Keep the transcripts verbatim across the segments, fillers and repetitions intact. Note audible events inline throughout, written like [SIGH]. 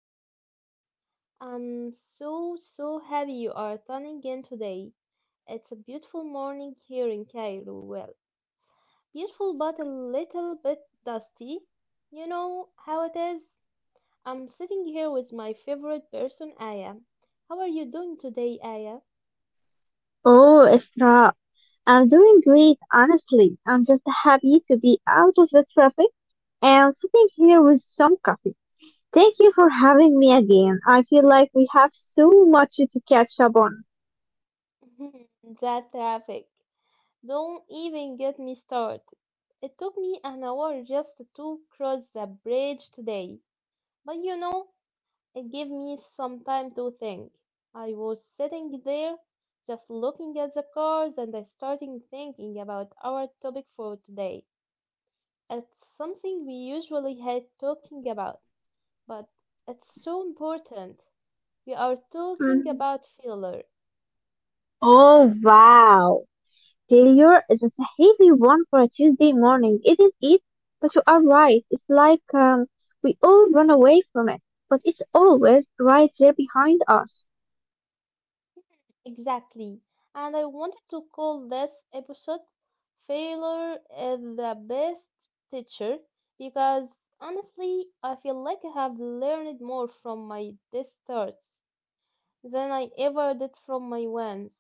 to the show. I'm so so happy you are tuning in today. It's a beautiful morning here in Cairo. Well, beautiful but a little bit dusty. You know how it is? I'm sitting here with my favorite person, Aya. How are you doing today, Aya? Oh, it's not. I'm doing great, honestly. I'm just happy to be out of the traffic and sitting here with some coffee. Thank you for having me again. I feel like we have so much to catch up on. [LAUGHS] That traffic. Don't even get me started. It took me an hour just to cross the bridge today. But you know, it gave me some time to think. I was sitting there, just looking at the cars, and I started thinking about our topic for today. It's something we usually hate talking about, but it's so important. We are talking Mhm. about failure. Oh, wow. Failure is a heavy one for a Tuesday morning, isn't it? But you are right. It's like um, we all run away from it, but it's always right there behind us. Exactly. And I wanted to call this episode Failure is the Best Teacher because honestly, I feel like I have learned more from my distards than I ever did from my wins.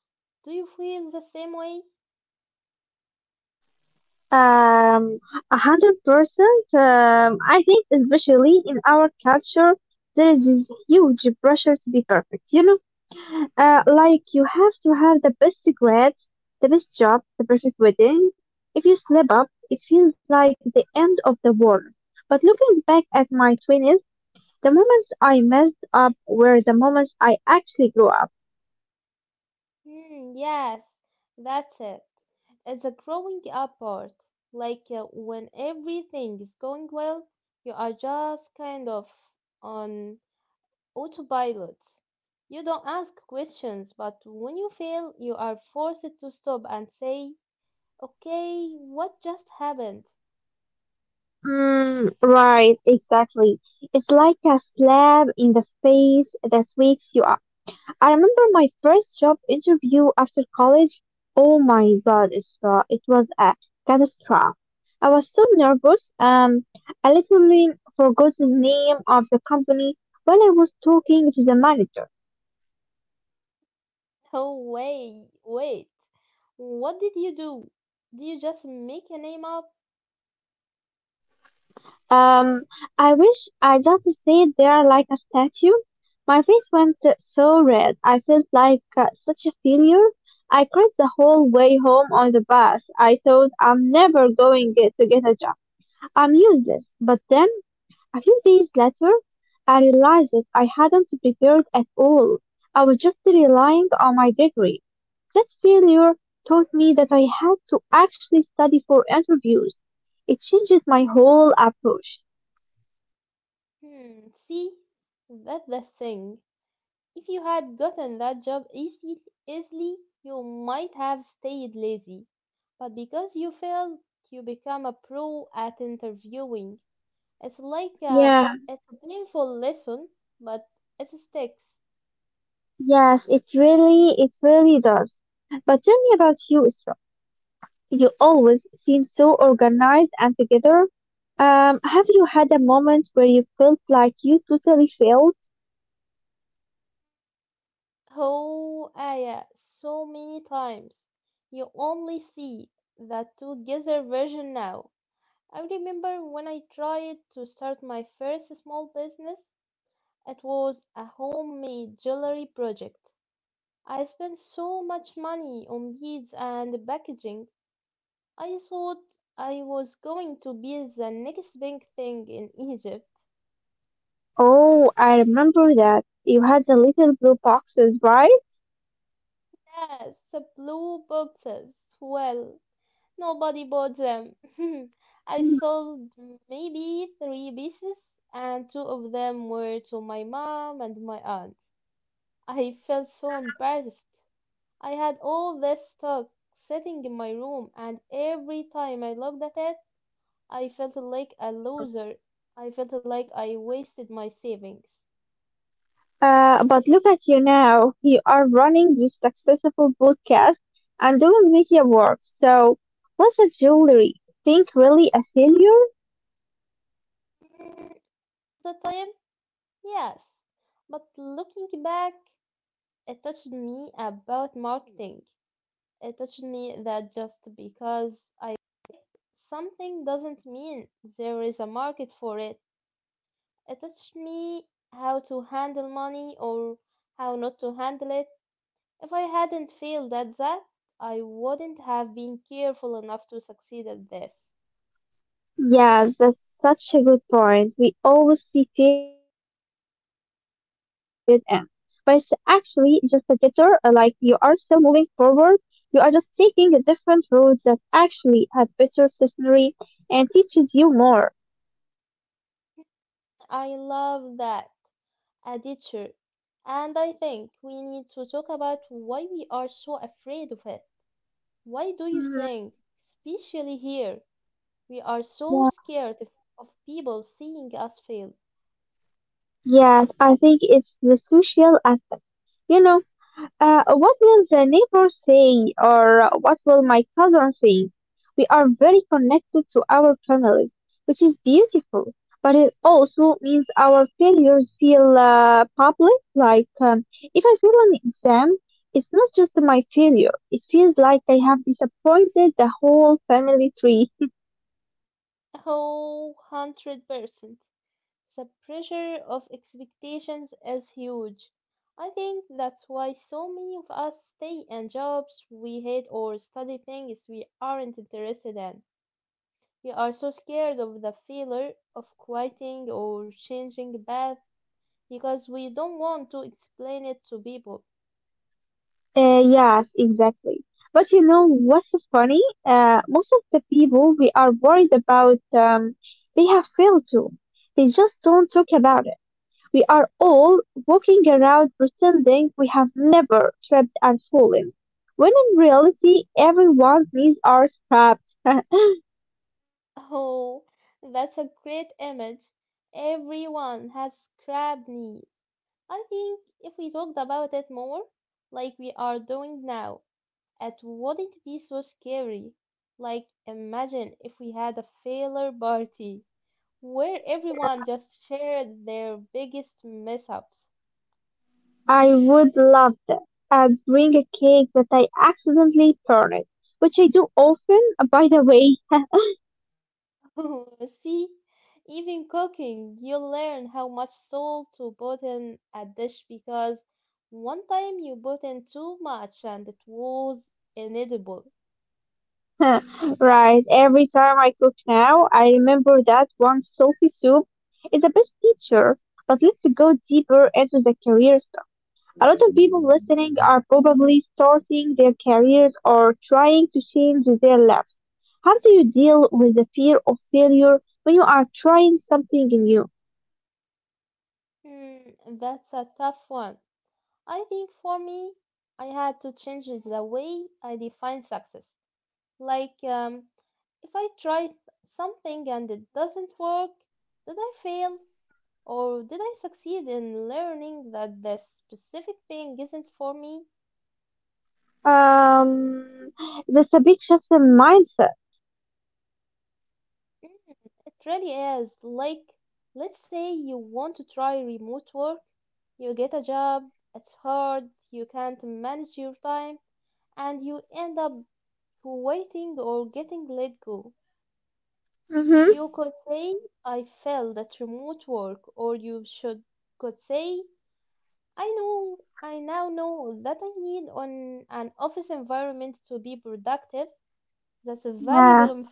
Do you feel the same way? Um, a hundred percent. Um, I think, especially in our culture, there is this huge pressure to be perfect. You know, uh, like you have to have the best grades, the best job, the perfect wedding. If you slip up, it feels like the end of the world. But looking back at my twenties, the moments I messed up were the moments I actually grew up. Hmm, yes, that's it. It's a growing up part. Like uh, when everything is going well, you are just kind of on autopilot. You don't ask questions, but when you fail, you are forced to stop and say, okay, what just happened? [LAUGHS] Mm, right, exactly. It's like a slap in the face that wakes you up. I remember my first job interview after college. Oh my God, Isra, it was a catastrophe. I was so nervous. Um, I literally forgot the name of the company while I was talking to the manager. Oh, wait, wait. What did you do? Did you just make a name up? Um, I wish I just stayed there like a statue. My face went so red. I felt like uh, such a failure. I cried the whole way home on the bus. I thought I'm never going get- to get a job. I'm useless. But then a few days later, I realized that I hadn't prepared at all. I was just relying on my degree. That failure taught me that I had to actually study for interviews. It changed my whole approach. Hmm, see, that's the thing. If you had gotten that job easy, easily, you might have stayed lazy. But because you failed, you become a pro at interviewing. It's like a, Yeah, it's a painful lesson, but it sticks. yes, it really, it really does. But tell me about you, Isra. You always seem so organized and together. Um, have you had a moment where you felt like you totally failed? Oh, Aya, so many times. You only see that together version now. I remember when I tried to start my first small business. It was a homemade jewelry project. I spent so much money on beads and packaging. I thought I was going to be the next big thing in Egypt. Oh, I remember that. You had the little blue boxes, right? Yes, the blue boxes. Well, nobody bought them. [LAUGHS] I Mm-hmm. sold maybe three pieces, and two of them were to my mom and my aunt. I felt so embarrassed. I had all this stuff sitting in my room, and every time I looked at it, I felt like a Yeah. loser. I felt like I wasted my savings. Uh, but look at you now. You are running this successful podcast and doing media work. So, was the jewelry think really a failure? Mm, at the time, yes. But looking back, it touched me about marketing. It touched me that just because I something doesn't mean there is a market for it. It touched me how to handle money or how not to handle it. If I hadn't failed at that, I wouldn't have been careful enough to succeed at this. Yeah, that's such a good point. We always see failure as a dead end, but it's actually just a detour. uh, Like you are still moving forward, you are just taking a different road that actually had better scenery and teaches you more. I love that attitude. And I think we need to talk about why we are so afraid of it. Why do you Hmm. think, especially here, we are so Yeah. scared of people seeing us fail? Yeah, I think it's the social aspect. You know. Uh, what will the neighbors say, or what will my cousin think? We are very connected to our families, which is beautiful, but it also means our failures feel uh, public. Like, um, if I fail an exam, it's not just my failure, it feels like I have disappointed the whole family tree. Oh, one hundred percent. The pressure of expectations is huge. I think that's why so many of us stay in jobs we hate or study things we aren't interested in. We are so scared of the failure, of quitting or changing path because we don't want to explain it to people. Uh, yes, exactly. But you know what's so funny? Uh, most of the people we are worried about, um, they have failed to. They just don't talk about it. We are all walking around pretending we have never tripped and fallen, when in reality, everyone's knees are scrapped. [LAUGHS] [LAUGHS] Oh, that's a great image. Everyone has crab knees. I think if we talked about it more, like we are doing now, it wouldn't be so scary. Like, imagine if we had a failure party where everyone Yeah, just shared their biggest mess ups. I would love that. And bring a cake that I accidentally burned, which I do often, by the way. [LAUGHS] [LAUGHS] See, even cooking, you learn how much salt to put in a dish because one time you put in too much and it was inedible. [LAUGHS] Right. Every time I cook now, I remember that one salty soup is the best teacher. But let's go deeper into the career stuff. A lot of people listening are probably starting their careers or trying to change their lives. How do you deal with the fear of failure when you are trying something new? Hmm, that's a tough one. I think for me, I had to change the way I define success. Like, um, if I try something and it doesn't work, did I fail? Or did I succeed in learning that the specific thing isn't for me? Um, that's a big shift in mindset. Mm, it really is. Like, let's say you want to try remote work, you get a job, it's hard, you can't manage your time, and you end up quitting or getting let go. Mm-hmm. Say, I failed at remote work, or you should could say I know, I now know that I need on an office environment to be productive. That's a valuable. Inf-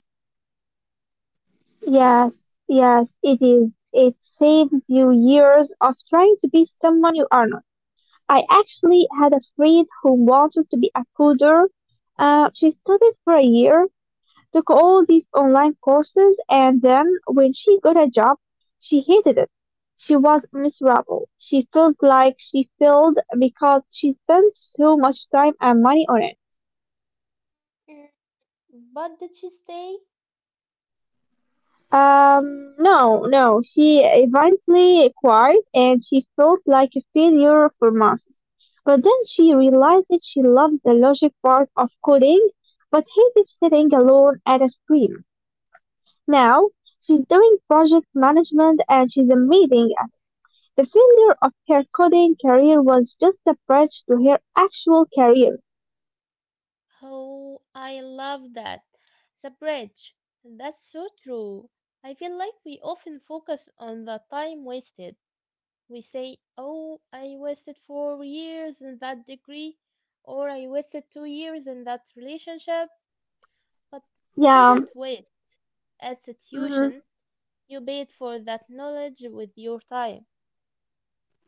Yes, yes, it is. It saves you years of trying to be someone you are not. I actually had a friend who wanted to be a coder. Uh, she studied for a year, took all these online courses, and then when she got a job, she hated it. She was miserable. She felt like she failed because she spent so much time and money on it. Mm, but did she stay? Um, no, no. She eventually quit and she felt like a failure for months. But then she realized that she loves the logic part of coding, but hated sitting alone at a screen. Now, she's doing project management and she's amazing. The failure of her coding career was just a bridge to her actual career. Oh, I love that. The bridge. That's so true. I feel like we often focus on the time wasted. We say, oh, I wasted four years in that degree, or I wasted two years in that relationship. But it Yeah. isn't waste, it's a tuition. Mhm. You paid for that knowledge with your time.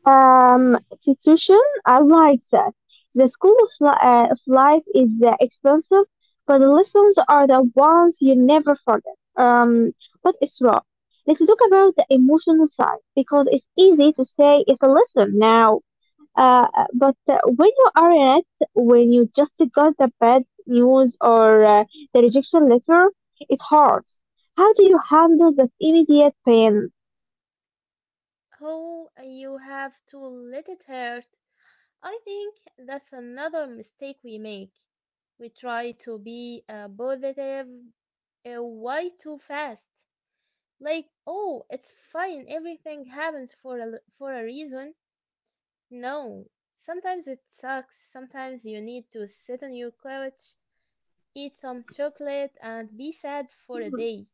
Um, tuition, I like that. The school of, li- uh, of life is uh, expensive, but the lessons are the ones you never forget. Um, what is wrong? Let's talk about the emotional side because it's easy to say it's a lesson now, uh, uh, but uh, when you are in it, when you just got the bad news or uh, the rejection letter, it hurts. How do you handle that immediate pain? Oh, you have to let it hurt. I think that's another mistake we make. We try to be uh, positive uh, way too fast. Like, oh, it's fine. Everything happens for a, for a reason. No. Sometimes it sucks. Sometimes you need to sit on your couch, eat some chocolate, and be sad for a day.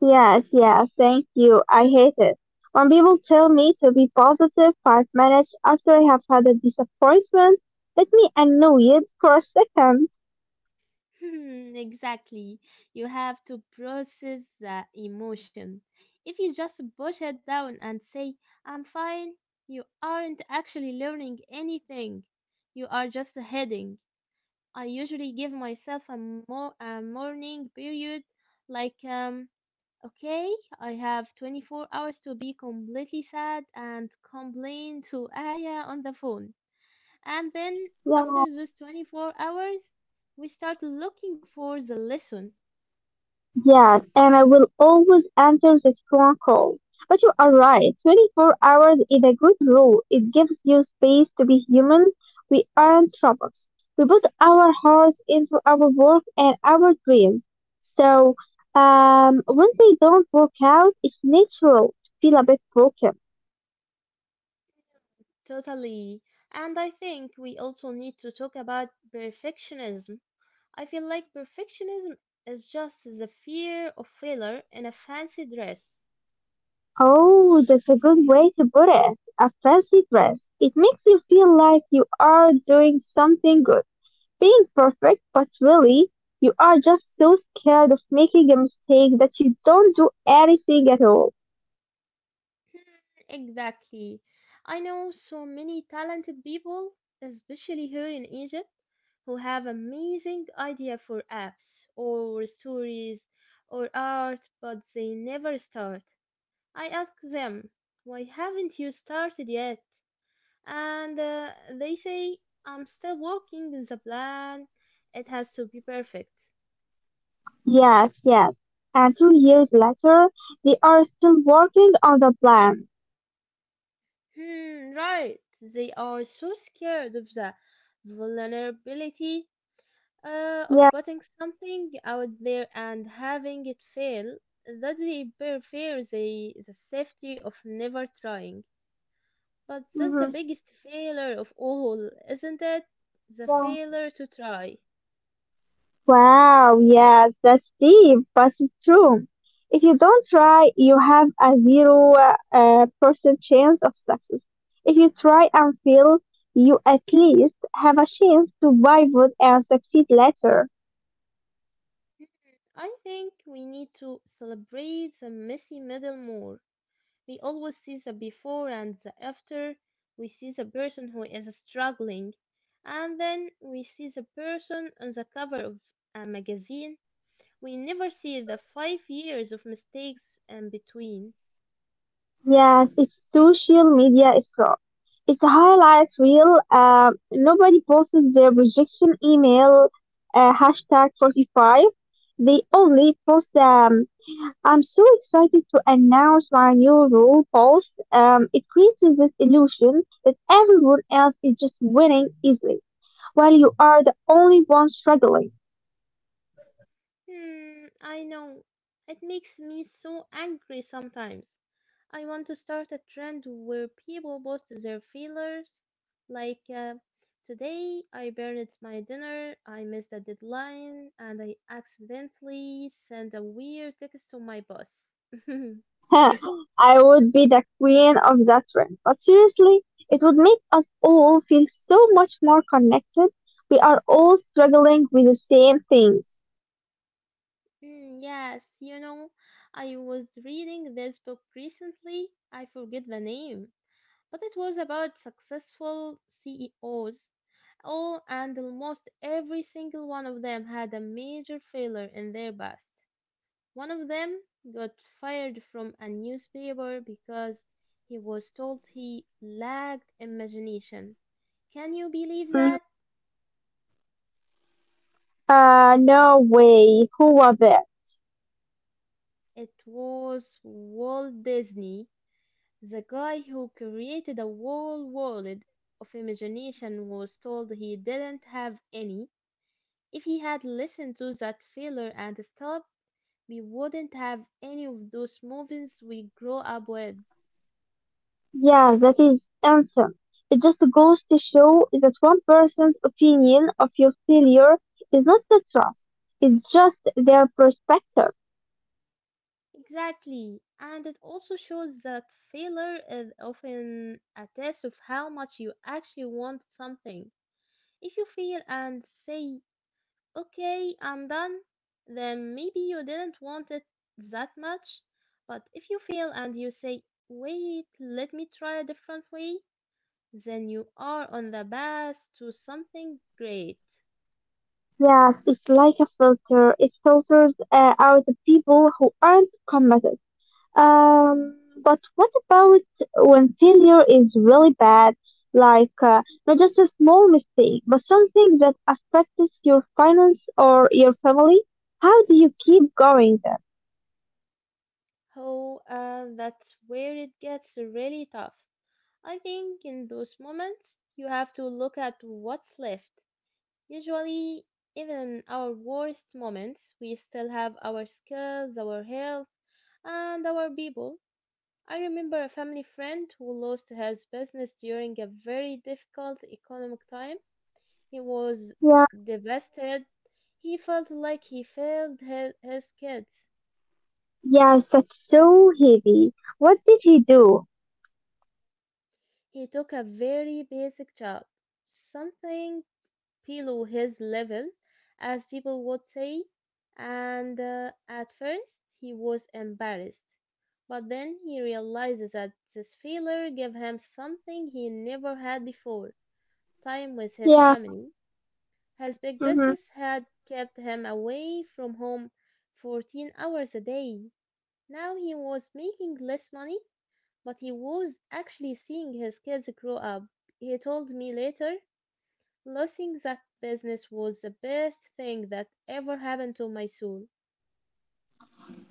Yes, yes, thank you. I hate it. When people tell me to be positive five minutes after I have had a disappointment, let me annoy it for a second. Hmm, exactly. You have to process the emotion. If you just push it down and say, I'm fine, you aren't actually learning anything. You are just heading. I usually give myself a, mo- a morning period like, um, okay, I have twenty-four hours to be completely sad and complain to Aya on the phone. And then after Yeah. those twenty-four hours, we start looking for the lesson. Yeah, and I will always answer the phone call. But you are right. twenty-four hours is a good rule. It gives you space to be human. We aren't robots. We put our hearts into our work and our dreams. So, um, when they don't work out, it's natural to feel a bit broken. Totally. And I think we also need to talk about perfectionism. I feel like perfectionism is just the fear of failure in a fancy dress. Oh, that's a good way to put it. A fancy dress. It makes you feel like you are doing something good. Being perfect, but really, you are just so scared of making a mistake that you don't do anything at all. Exactly. I know so many talented people, especially here in Egypt, who have amazing idea for apps or stories or art, but they never start. I ask them, why haven't you started yet? And uh, they say, I'm still working on the plan. It has to be perfect. Yes, yes. And two years later, they are still working on the plan. Hmm, right. They are so scared of the vulnerability uh, of Yeah. putting something out there and having it fail that they prefer the, the safety of never trying. But that's the Hmm. big failure of all, isn't it? The Yeah. failure to try. Wow, yes, that's deep, but it's true. If you don't try, you have a zero uh, uh, percent chance of success. If you try and fail, you at least have a chance to pivot and succeed later. I think we need to celebrate the messy middle more. We always see the before and the after. We see the person who is struggling, and then we see the person on the cover of a magazine. We never see the five years of mistakes in between. Yes, it's social media is raw. It's a highlight reel. Uh, nobody posts their rejection email uh, hashtag forty-five. They only post um, I'm so excited to announce my new rule post. Um, it creates this illusion that everyone else is just winning easily while you are the only one struggling. Hmm, I know. It makes me so angry sometimes. I want to start a trend where people post their failures. Like, uh, today I burned my dinner, I missed a deadline, and I accidentally sent a weird text to my boss. [LAUGHS] [LAUGHS] I would be the queen of that ring. But seriously, it would make us all feel so much more connected. We are all struggling with the same things. Mm, yes, you know, I was reading this book recently. I forget the name, but it was about successful C E Os. All and almost every single one of them had a major failure in their past. One of them got fired from a newspaper because he was told he lacked imagination. Can you believe that? Mhm. Uh, no way. Who was there? It was Walt Disney, the guy who created a whole world of imagination, was told he didn't have any. If he had listened to that failure and stopped, we wouldn't have any of those movies we grow up with. Yeah, that is insane. It just goes to show that one person's opinion of your failure is not the trust. It's just their perspective. Exactly. And it also shows that failure is often a test of how much you actually want something. If you fail and say, okay, I'm done, then maybe you didn't want it that much. But if you fail and you say, wait, let me try a different way, then you are on the path to something great. Yes, it's like a filter. It filters uh, out the people who aren't committed. Um, but what about when failure is really bad, like uh, not just a small mistake, but something that affects your finance or your family? How do you keep going then? Oh, uh, that's where it gets really tough. I think in those moments you have to look at what's left. Usually, even in our worst moments, we still have our skills, our health, and our people. I remember a family friend who lost his business during a very difficult economic time. He was Yeah, devastated. He felt like he failed his, his kids. yeah, that's so heavy. What did he do? He took a very basic job, something below his level, as people would say, and uh, at first he was embarrassed. But then he realizes that this failure gave him something he never had before, time with his Yeah. family. His big Mhm. business had kept him away from home fourteen hours a day. Now he was making less money, but he was actually seeing his kids grow up. He told me later losing that business was the best thing that ever happened to my soul.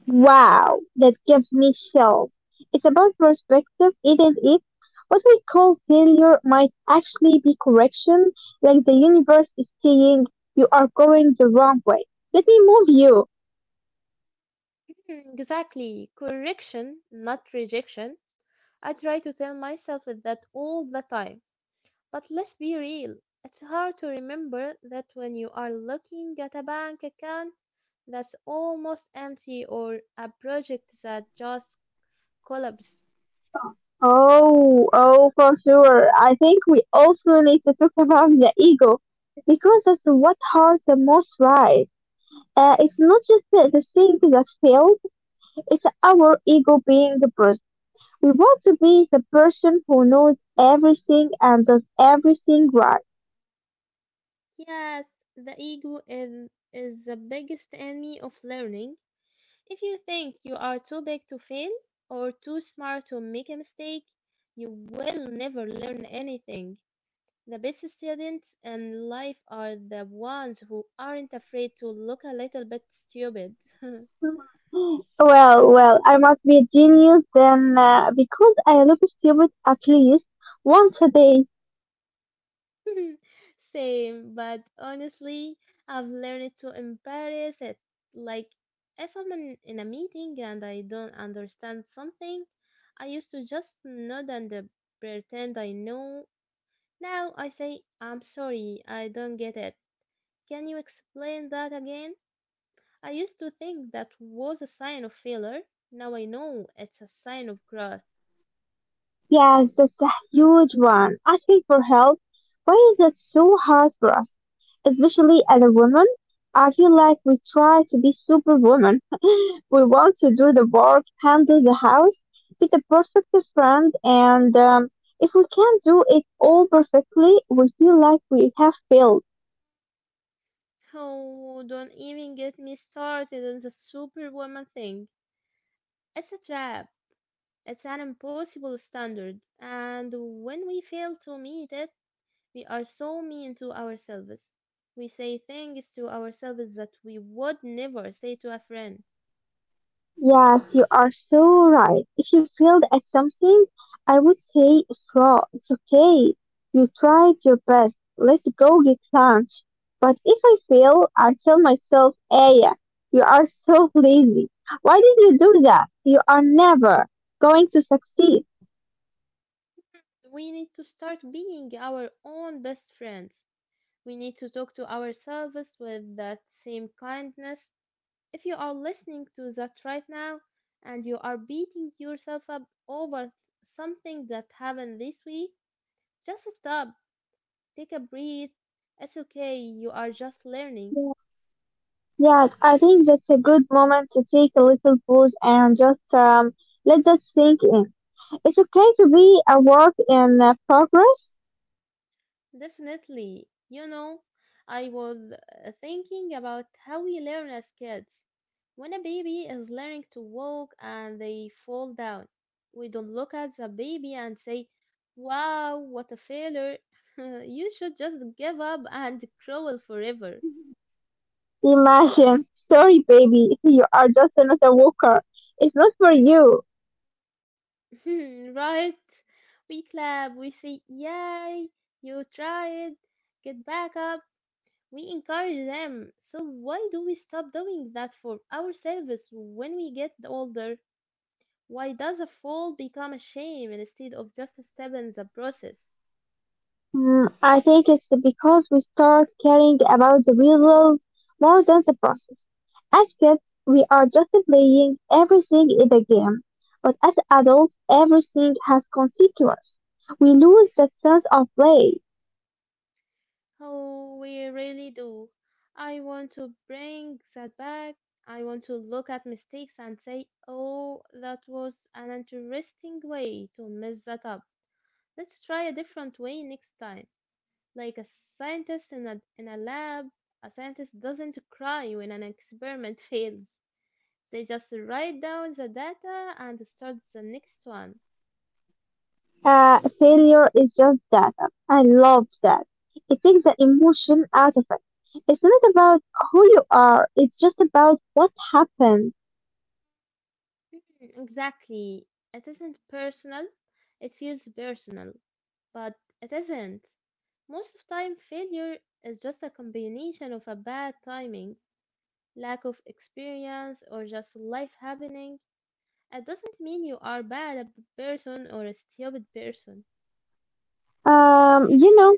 Wow, that gives me chills. It's about perspective, isn't it? What we call failure might actually be correction, like the universe is saying you are going the wrong way. Let me move you. Mm, exactly. Correction, not rejection. I try to tell myself that all the time. But let's be real. It's hard to remember that when you are looking at a bank account that's almost empty or a project that just collapsed. Oh, oh, for sure. I think we also need to talk about the ego, because that's what hurts the most, right? Uh, it's not just the, the thing that failed, it's our ego being bruised. We want to be the person who knows everything and does everything right. Yes, the ego is, is the biggest enemy of learning. If you think you are too big to fail or too smart to make a mistake, you will never learn anything. The best students in life are the ones who aren't afraid to look a little bit stupid. [LAUGHS] [LAUGHS] Well, well, I must be a genius then uh, because I look stupid at least once a day. Same, but honestly, I've learned to embarrass it. Like, if I'm in, in a meeting and I don't understand something, I used to just nod and uh, pretend I know. Now I say, I'm sorry, I don't get it. Can you explain that again? I used to think that was a sign of failure. Now I know it's a sign of growth. Yes, that's a huge one. Asking for help. Why is that so hard for us? Especially as a woman, I feel like we try to be superwoman. We want to do the work, handle the house, be the perfect friend, and um, if we can't do it all perfectly, we feel like we have failed. Oh, don't even get me started on the superwoman thing. It's a trap. It's an impossible standard. And when we fail to meet it, we are so mean to ourselves. We say things to ourselves that we would never say to a friend. Yes, you are so right. If you failed at something, I would say it's raw. It's okay. You tried your best. Let's go get lunch. But if I fail, I tell myself, Aya, you are so lazy. Why did you do that? You are never going to succeed. We need to start being our own best friends. We need to talk to ourselves with that same kindness. If you are listening to that right now and you are beating yourself up over something that happened this week, just stop, take a breath. It's okay, you are just learning. Yes, I think that's a good moment to take a little pause and just um, let that sink in. It's okay to be a work in uh, progress. Definitely. You know, I was uh, thinking about how we learn as kids. When a baby is learning to walk and they fall down, we don't look at the baby and say, wow, what a failure. [LAUGHS] You should just give up and crawl forever. Imagine, sorry, baby, [LAUGHS] you are just another walker. It's not for you. [LAUGHS] Right? We clap, we say, yay, you tried, get back up. We encourage them. So why do we stop doing that for ourselves when we get older? Why does a fall become a shame instead of just a step in the process? Mm, I think it's because we start caring about the result more than the process. As kids, we are just playing everything is a game. But as adults, everything has consequences. We lose that sense of play. Oh, we really do. I want to bring that back. I want to look at mistakes and say, oh, that was an interesting way to mess that up. Let's try a different way next time. Like a scientist in a, in a lab, a scientist doesn't cry when an experiment [LAUGHS] fails. They just write down the data and start the next one. Uh, failure is just data. I love that. It takes the emotion out of it. It's not about who you are. It's just about what happened. Mm, exactly. It isn't personal. It feels personal, but it isn't. Most of time, failure is just a combination of a bad timing, lack of experience, or just life happening. It doesn't mean you are bad a person or a stupid person. Um, you know,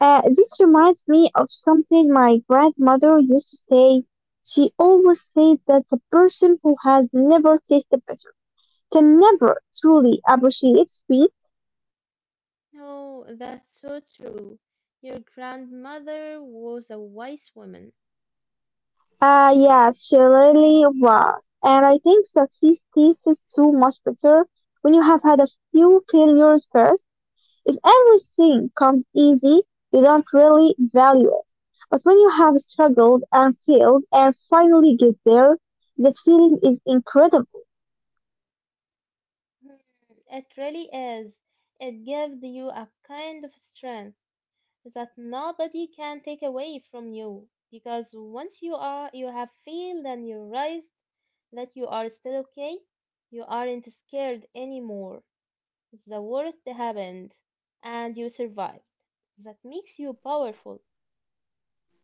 uh, this reminds me of something my grandmother used to say. She always said that the person who has never tasted bitter can never truly appreciate sweet. No, that's so true. Your grandmother was a wise woman. Uh, yeah, she really was. And I think success tastes too much better when you have had a few failures first. If everything comes easy, you don't really value it. But when you have struggled and failed and finally get there, that feeling is incredible. Hmm, it really is. It gives you a kind of strength that nobody can take away from you. Because once you are, you have feel and you realize that you are still okay, you aren't scared anymore. The worst happened, and you survived. That makes you powerful.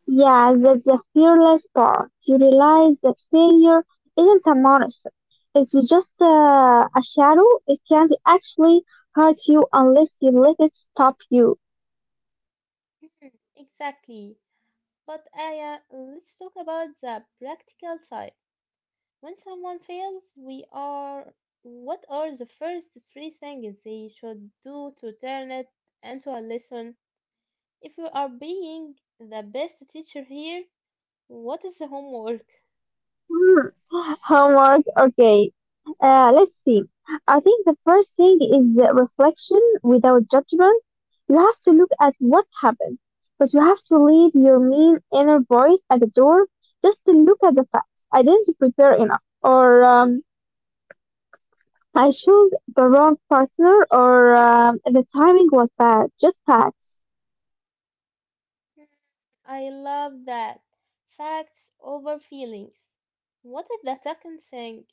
Yeah, that's the fearless part. You realize that failure isn't a monster. It's just uh, a shadow. It can't actually hurt you unless you let it stop you. Hmm, exactly. But Aya, let's talk about the practical side. When someone fails, we are, what are the first three things they should do to turn it into a lesson? If you are being the best teacher here, what is the homework? Hmm, homework, okay. Uh, let's see. I think the first thing is the reflection without judgment. You have to look at what happened, but you have to leave your mean inner voice at the door just to look at the facts. I didn't prepare enough, or um, I chose the wrong partner, or um, the timing was bad. Just facts. Hmm, I love that. Facts over feelings. What is the second thing?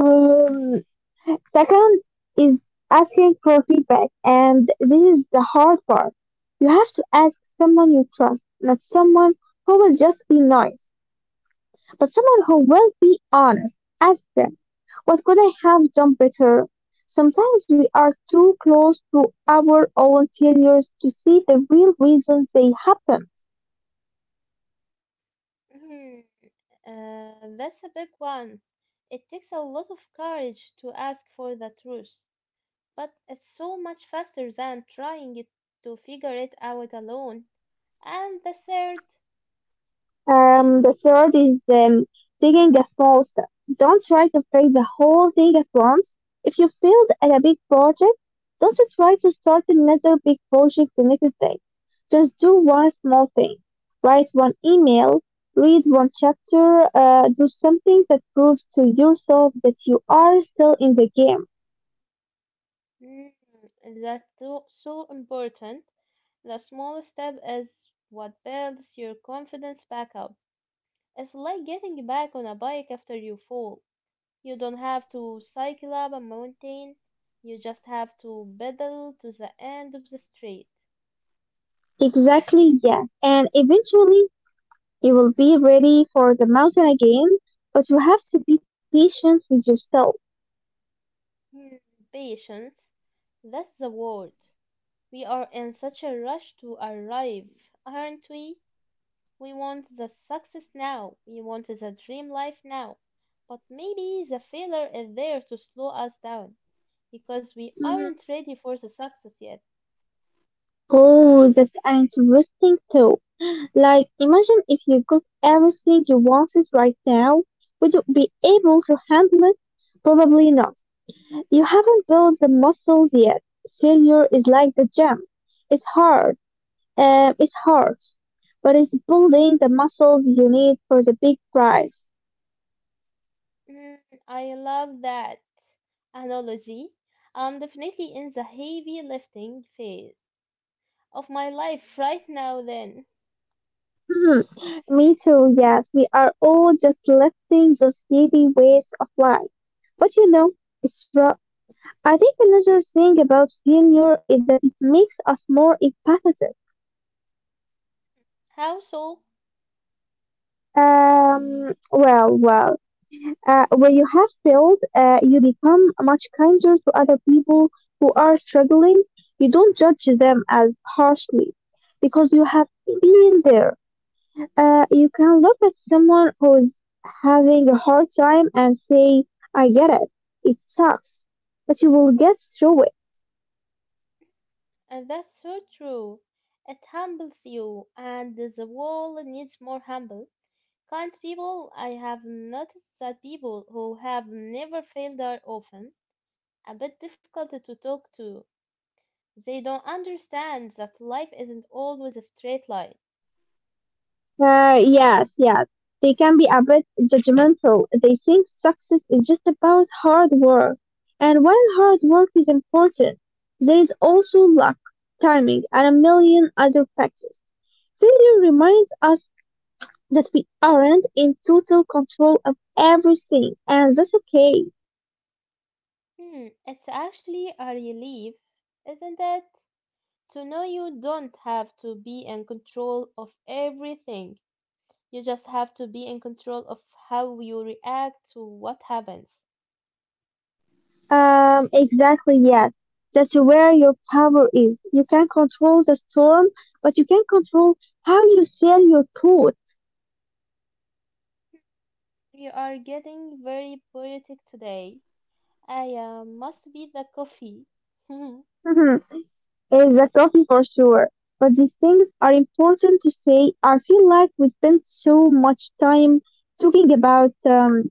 Um, Second is asking for feedback, and this is the hard part. You have to ask someone you trust, not someone who will just be nice, but someone who will be honest. Ask them, what could I have done better? Sometimes we are too close to our own failures to see the real reasons they happen. Hmm, uh, that's a big one. It takes a lot of courage to ask for the truth, but it's so much faster than trying it to figure it out alone. And the third, Um, the third is um, taking a small step. Don't try to fix the whole thing at once. If you failed at a big project, don't try to start another big project the next day. Just do one small thing. Write one email, read one chapter, uh, do something that proves to yourself that you are still in the game. mm, that's so, so important. The small step is what builds your confidence back up. It's like getting back on a bike after you fall. You don't have to cycle up a mountain, you just have to pedal to the end of the street. Exactly, yes. And eventually, you will be ready for the mountain again, but you have to be patient with yourself. Hmm, patience, that's the word. We are in such a rush to arrive, aren't we? We want the success now, we want the dream life now. But maybe the failure is there to slow us down because we aren't Mhm. ready for the success yet. Oh, that's an interesting thought. Like, imagine if you got everything you wanted right now. Would you be able to handle it? Probably not. You haven't built the muscles yet. Failure is like the gym. It's hard. Uh, it's hard. But it's building the muscles you need for the big prize. Mm, I love that analogy. I'm definitely in the heavy lifting phase of my life right now, then. Hmm. Me too, yes. We are all just lifting those heavy weights of life. But you know, it's raw. I think another thing about failure is that it makes us more empathetic. How so? Um, well, well, uh, when you have failed, uh, you become much kinder to other people who are struggling. You don't judge them as harshly because you have been there. Uh, you can look at someone who's having a hard time and say, I get it, it sucks, but you will get through it. And that's so true. It humbles you, and the world needs more humble kind people. I have noticed that people who have never failed are often a bit difficult to talk to. They don't understand that life isn't always a straight line. Uh, yes, yes. They can be a bit judgmental. They think success is just about hard work. And while hard work is important, there is also luck, timing, and a million other factors. Failure reminds us that we aren't in total control of everything, and that's okay. Hmm, it's actually a relief, isn't it? To know you don't have to be in control of everything. You just have to be in control of how you react to what happens. Um, exactly, yes. That's where your power is. You can control the storm, but you can control how you sail your boat. We are getting very poetic today. I uh, must be the coffee. [LAUGHS] [LAUGHS] Is the coffee for sure. But these things are important to say. I feel like we spend so much time talking about um,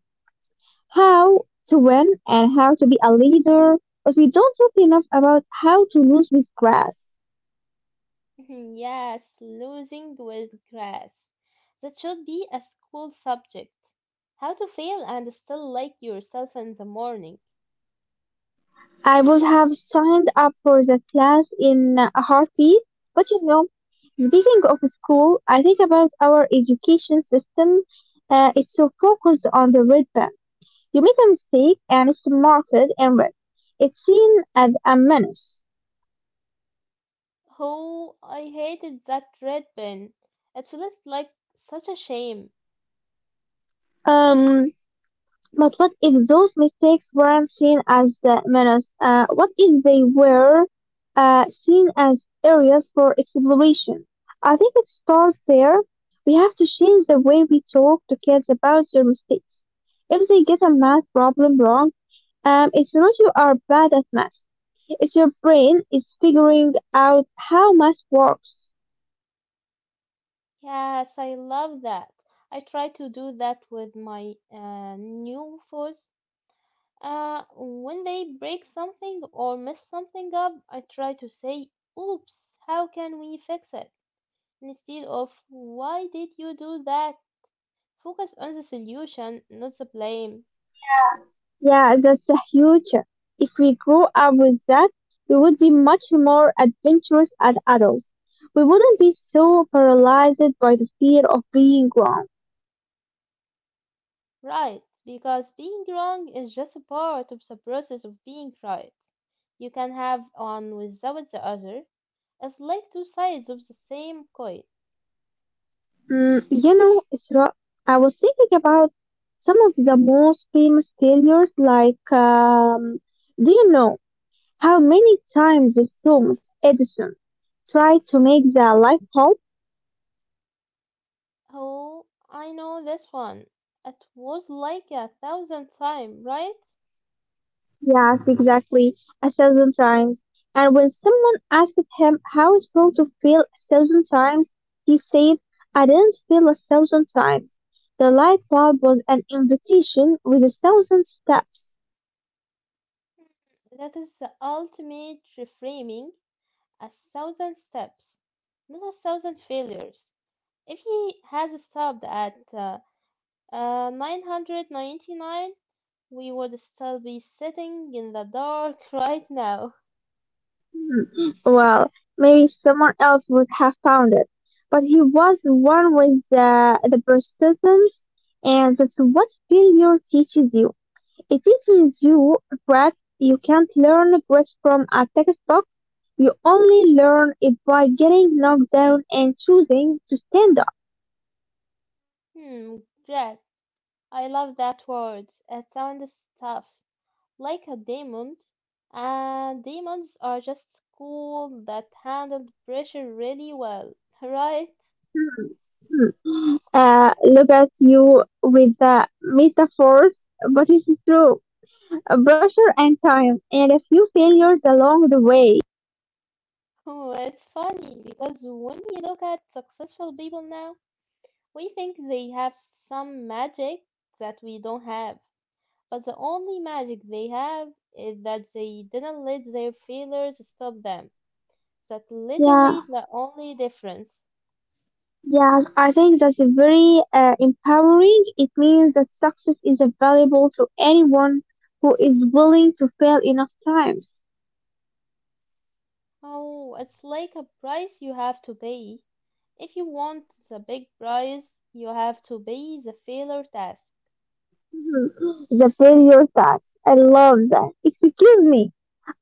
how to win and how to be a leader, but we don't talk enough about how to lose with grass. [LAUGHS] Mhm, yes, losing with grace. That should be a school subject. How to fail and still like yourself in the morning. I would have signed up for that class in a heartbeat, but you know, speaking of school, I think about our education system. Uh, it's so focused on the red band. You make a mistake and it's marked in red. It's seen as a menace. Oh, I hated that red pen. It felt like such a shame. Um, but what if those mistakes weren't seen as a menace? Uh, what if they were uh, seen as areas for exploration? I think it starts there. We have to change the way we talk to kids about their mistakes. If they get a math problem wrong, um, it's not you are bad at math. It's your brain is figuring out how math works. Yes, I love that. I try to do that with my uh, new foes. Uh, when they break something or mess something up, I try to say, "Oops, how can we fix it?" Instead of why did you do that? Focus on the solution, not the blame. Yeah, yeah, that's the future. If we grow up with that, we would be much more adventurous as adults. We wouldn't be so paralyzed by the fear of being wrong. Right, because being wrong is just a part of the process of being right. You can have one without the other. It's like two sides of the same coin. Mm, you know, Isra, I was thinking about some of the most famous failures, like, um, do you know how many times the Thomas Edison tried to make the light bulb? Oh, I know this one. It was like a thousand times, right? Yes, exactly. A thousand times. And when someone asked him how it felt to feel a thousand times, he said, I didn't feel a thousand times. The light bulb was an invitation with a thousand steps. That is the ultimate reframing. A thousand steps, not a thousand failures. If he has stopped at uh, Uh, nine ninety-nine, we would still be sitting in the dark [LAUGHS] right now. Hmm, well, maybe someone else would have found it. But he was the one with the, the persistence, and that's what failure teaches you. It teaches you that you can't learn great from a textbook. You only learn it by getting knocked down and choosing to stand up. Hmm, Jack, I love that word. It sounds tough, like a demon. And demons are just cool that handled pressure really well, [LAUGHS] right? Hmm. Uh, look at you with the metaphors, but it's true. Uh, Pressure and time, and a few failures along the way. [LAUGHS] It's funny because when you look at successful people now, we think they have some magic that we don't have. But the only magic they have is that they didn't let their failures stop them. That's Yeah, literally the only difference. yeah, I think that's a very uh, empowering. It means that success is available to anyone who is willing to fail enough times. Oh, it's like a price you have to pay. If you want the big prize, you have to pay the failure test. Mhm. The failure tax. I love that. Excuse me.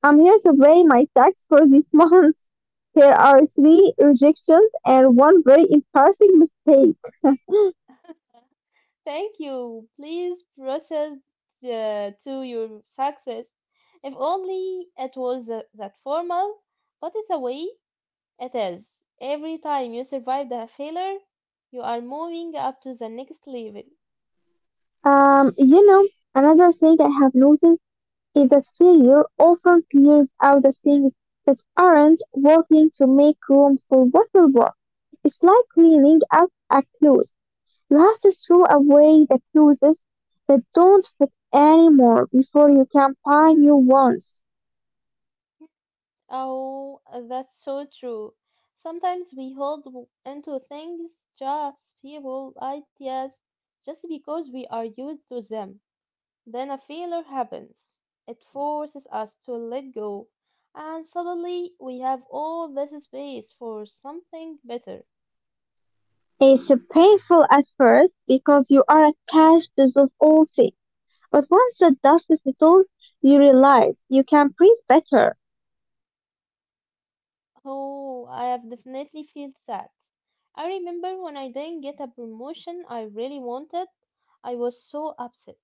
I'm here to pay my tax for this month. [LAUGHS] Here are three rejections and one very embarrassing mistake. Thank you. Please process uh, to your success. If only it was tha- that formal, but it's a way. It is. Every time you survive the failure, you are moving up to the next level. Um, you know, another thing I have noticed is that failure often clears out the things that aren't working to make room for what will work. It's like cleaning out a closet. You have to throw away the closets that don't fit anymore before you can buy new ones. Oh, that's so true. Sometimes we hold w- onto things, jobs, people, ideas, just because we are used to them. Then a failure happens. It forces us to let go. And suddenly we have all this space for something better. It's painful at first because you are attached to those old things. But once the dust settles, you realize you can breathe better. Oh, I have definitely felt that. I remember when I didn't get a promotion I really wanted, I was so upset.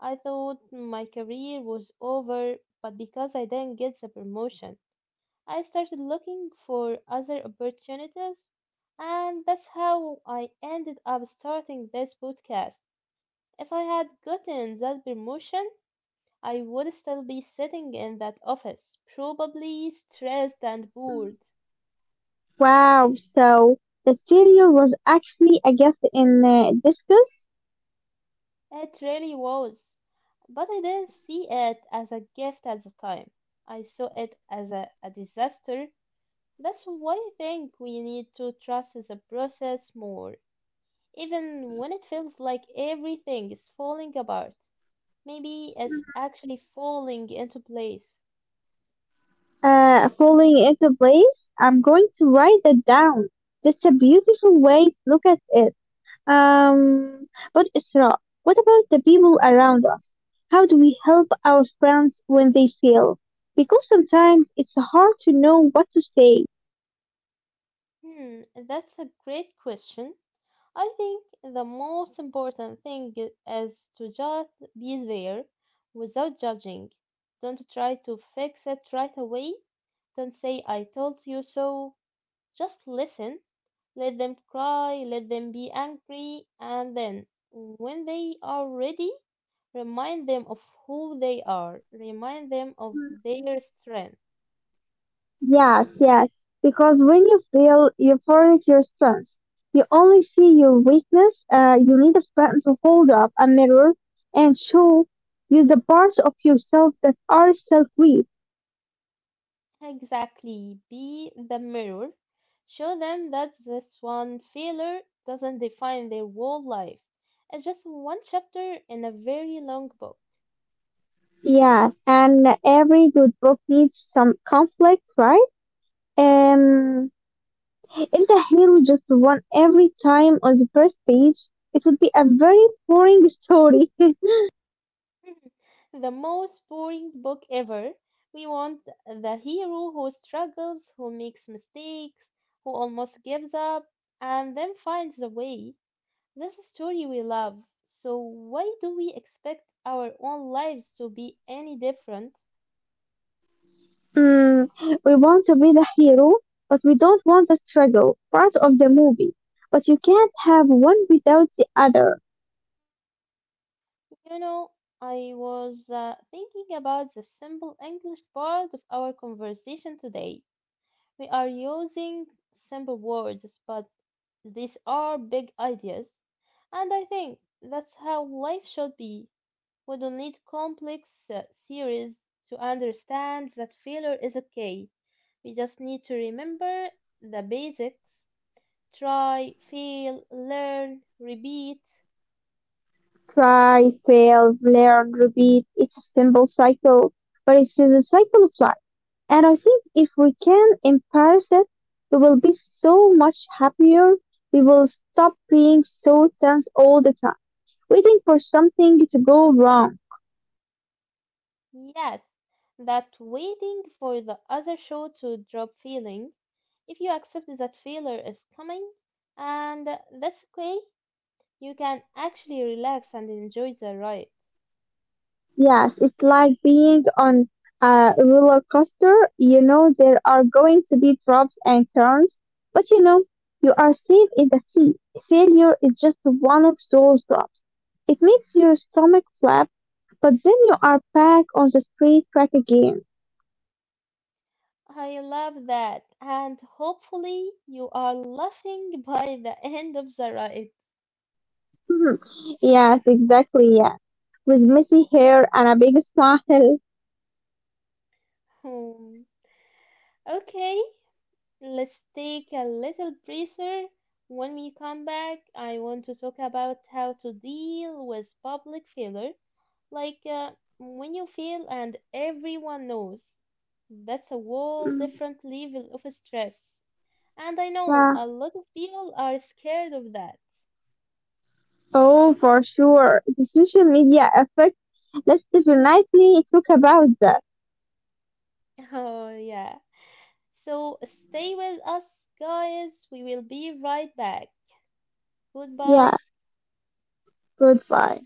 I thought my career was over, but because I didn't get the promotion, I started looking for other opportunities, and that's how I ended up starting this podcast. If I had gotten that promotion, I would still be sitting in that office, probably stressed and bored. Wow, so the failure was actually a gift in uh, disguise. It really was. But I didn't see it as a gift at the time. I saw it as a, a disaster. That's why I think we need to trust the process more, even when it feels like everything is falling apart. Maybe it's Hmm. actually falling into place. Uh, falling into place. I'm going to write that down. That's a beautiful way to look at it. Um, but Isra, what about the people around us? How do we help our friends when they fail? Because sometimes it's hard to know what to say. Hmm, that's a great question. I think the most important thing is to just be there without judging. Don't try to fix it right away. Don't say, I told you so. Just listen. Let them cry, let them be angry, and then when they are ready, remind them of who they are, remind them of Mhm. their strength. Yes, yes. Because when you fail, you forget your strengths. You only see your weakness. Uh, you need a friend to hold up a mirror and show you the parts of yourself that are still weak. Exactly. Be the mirror. Show them that this one failure doesn't define their whole life. It's just one chapter in a very long book. Yeah, and every good book needs some conflict, right? Um, If the hero just won every time on the first page, it would be a very boring story. [LAUGHS] [LAUGHS] The most boring book ever. We want the hero who struggles, who makes mistakes, who almost gives up, and then finds the way. This is story we love. So why do we expect our own lives to be any different? Mm, we want to be the hero, but we don't want the struggle part of the movie. But you can't have one without the other. You know, I was uh, thinking about the simple English part of our conversation today. We are using simple words, but these are big ideas. And I think that's how life should be. We don't need complex uh, theories to understand that failure is okay. We just need to remember the basics try, fail, learn, repeat. Try, fail, learn, repeat. It's a simple cycle, but it's the cycle of life. And I think if we can embrace it, we will be so much happier. We will stop being so tense all the time, waiting for something to go wrong. Yes, that waiting for the other shoe to drop feeling, if you accept that failure is coming, and that's okay, you can actually relax and enjoy the ride. Yes, it's like being on a roller coaster. You know, there are going to be drops and turns, but you know, you are safe in the sea. Failure is just one of those drops. It makes your stomach flap, but then you are back on the straight track again. [LAUGHS] I love that, and hopefully, you are laughing [LAUGHS] by the end of the ride. Mhm. Yes, exactly. Yeah, with messy hair and a big smile. [LAUGHS] Hmm. Okay, let's take a little breather. When we come back, I want to talk about how to deal with public failure. Like uh, when you fail and everyone knows, that's a whole Mm, different level of stress. And I know yeah. a lot of people are scared of that. Oh, for sure. The social media affects. Let's definitely talk about that. [LAUGHS] Oh, yeah. So stay with us, guys. We will be right back. Yeah, Goodbye. goodbye.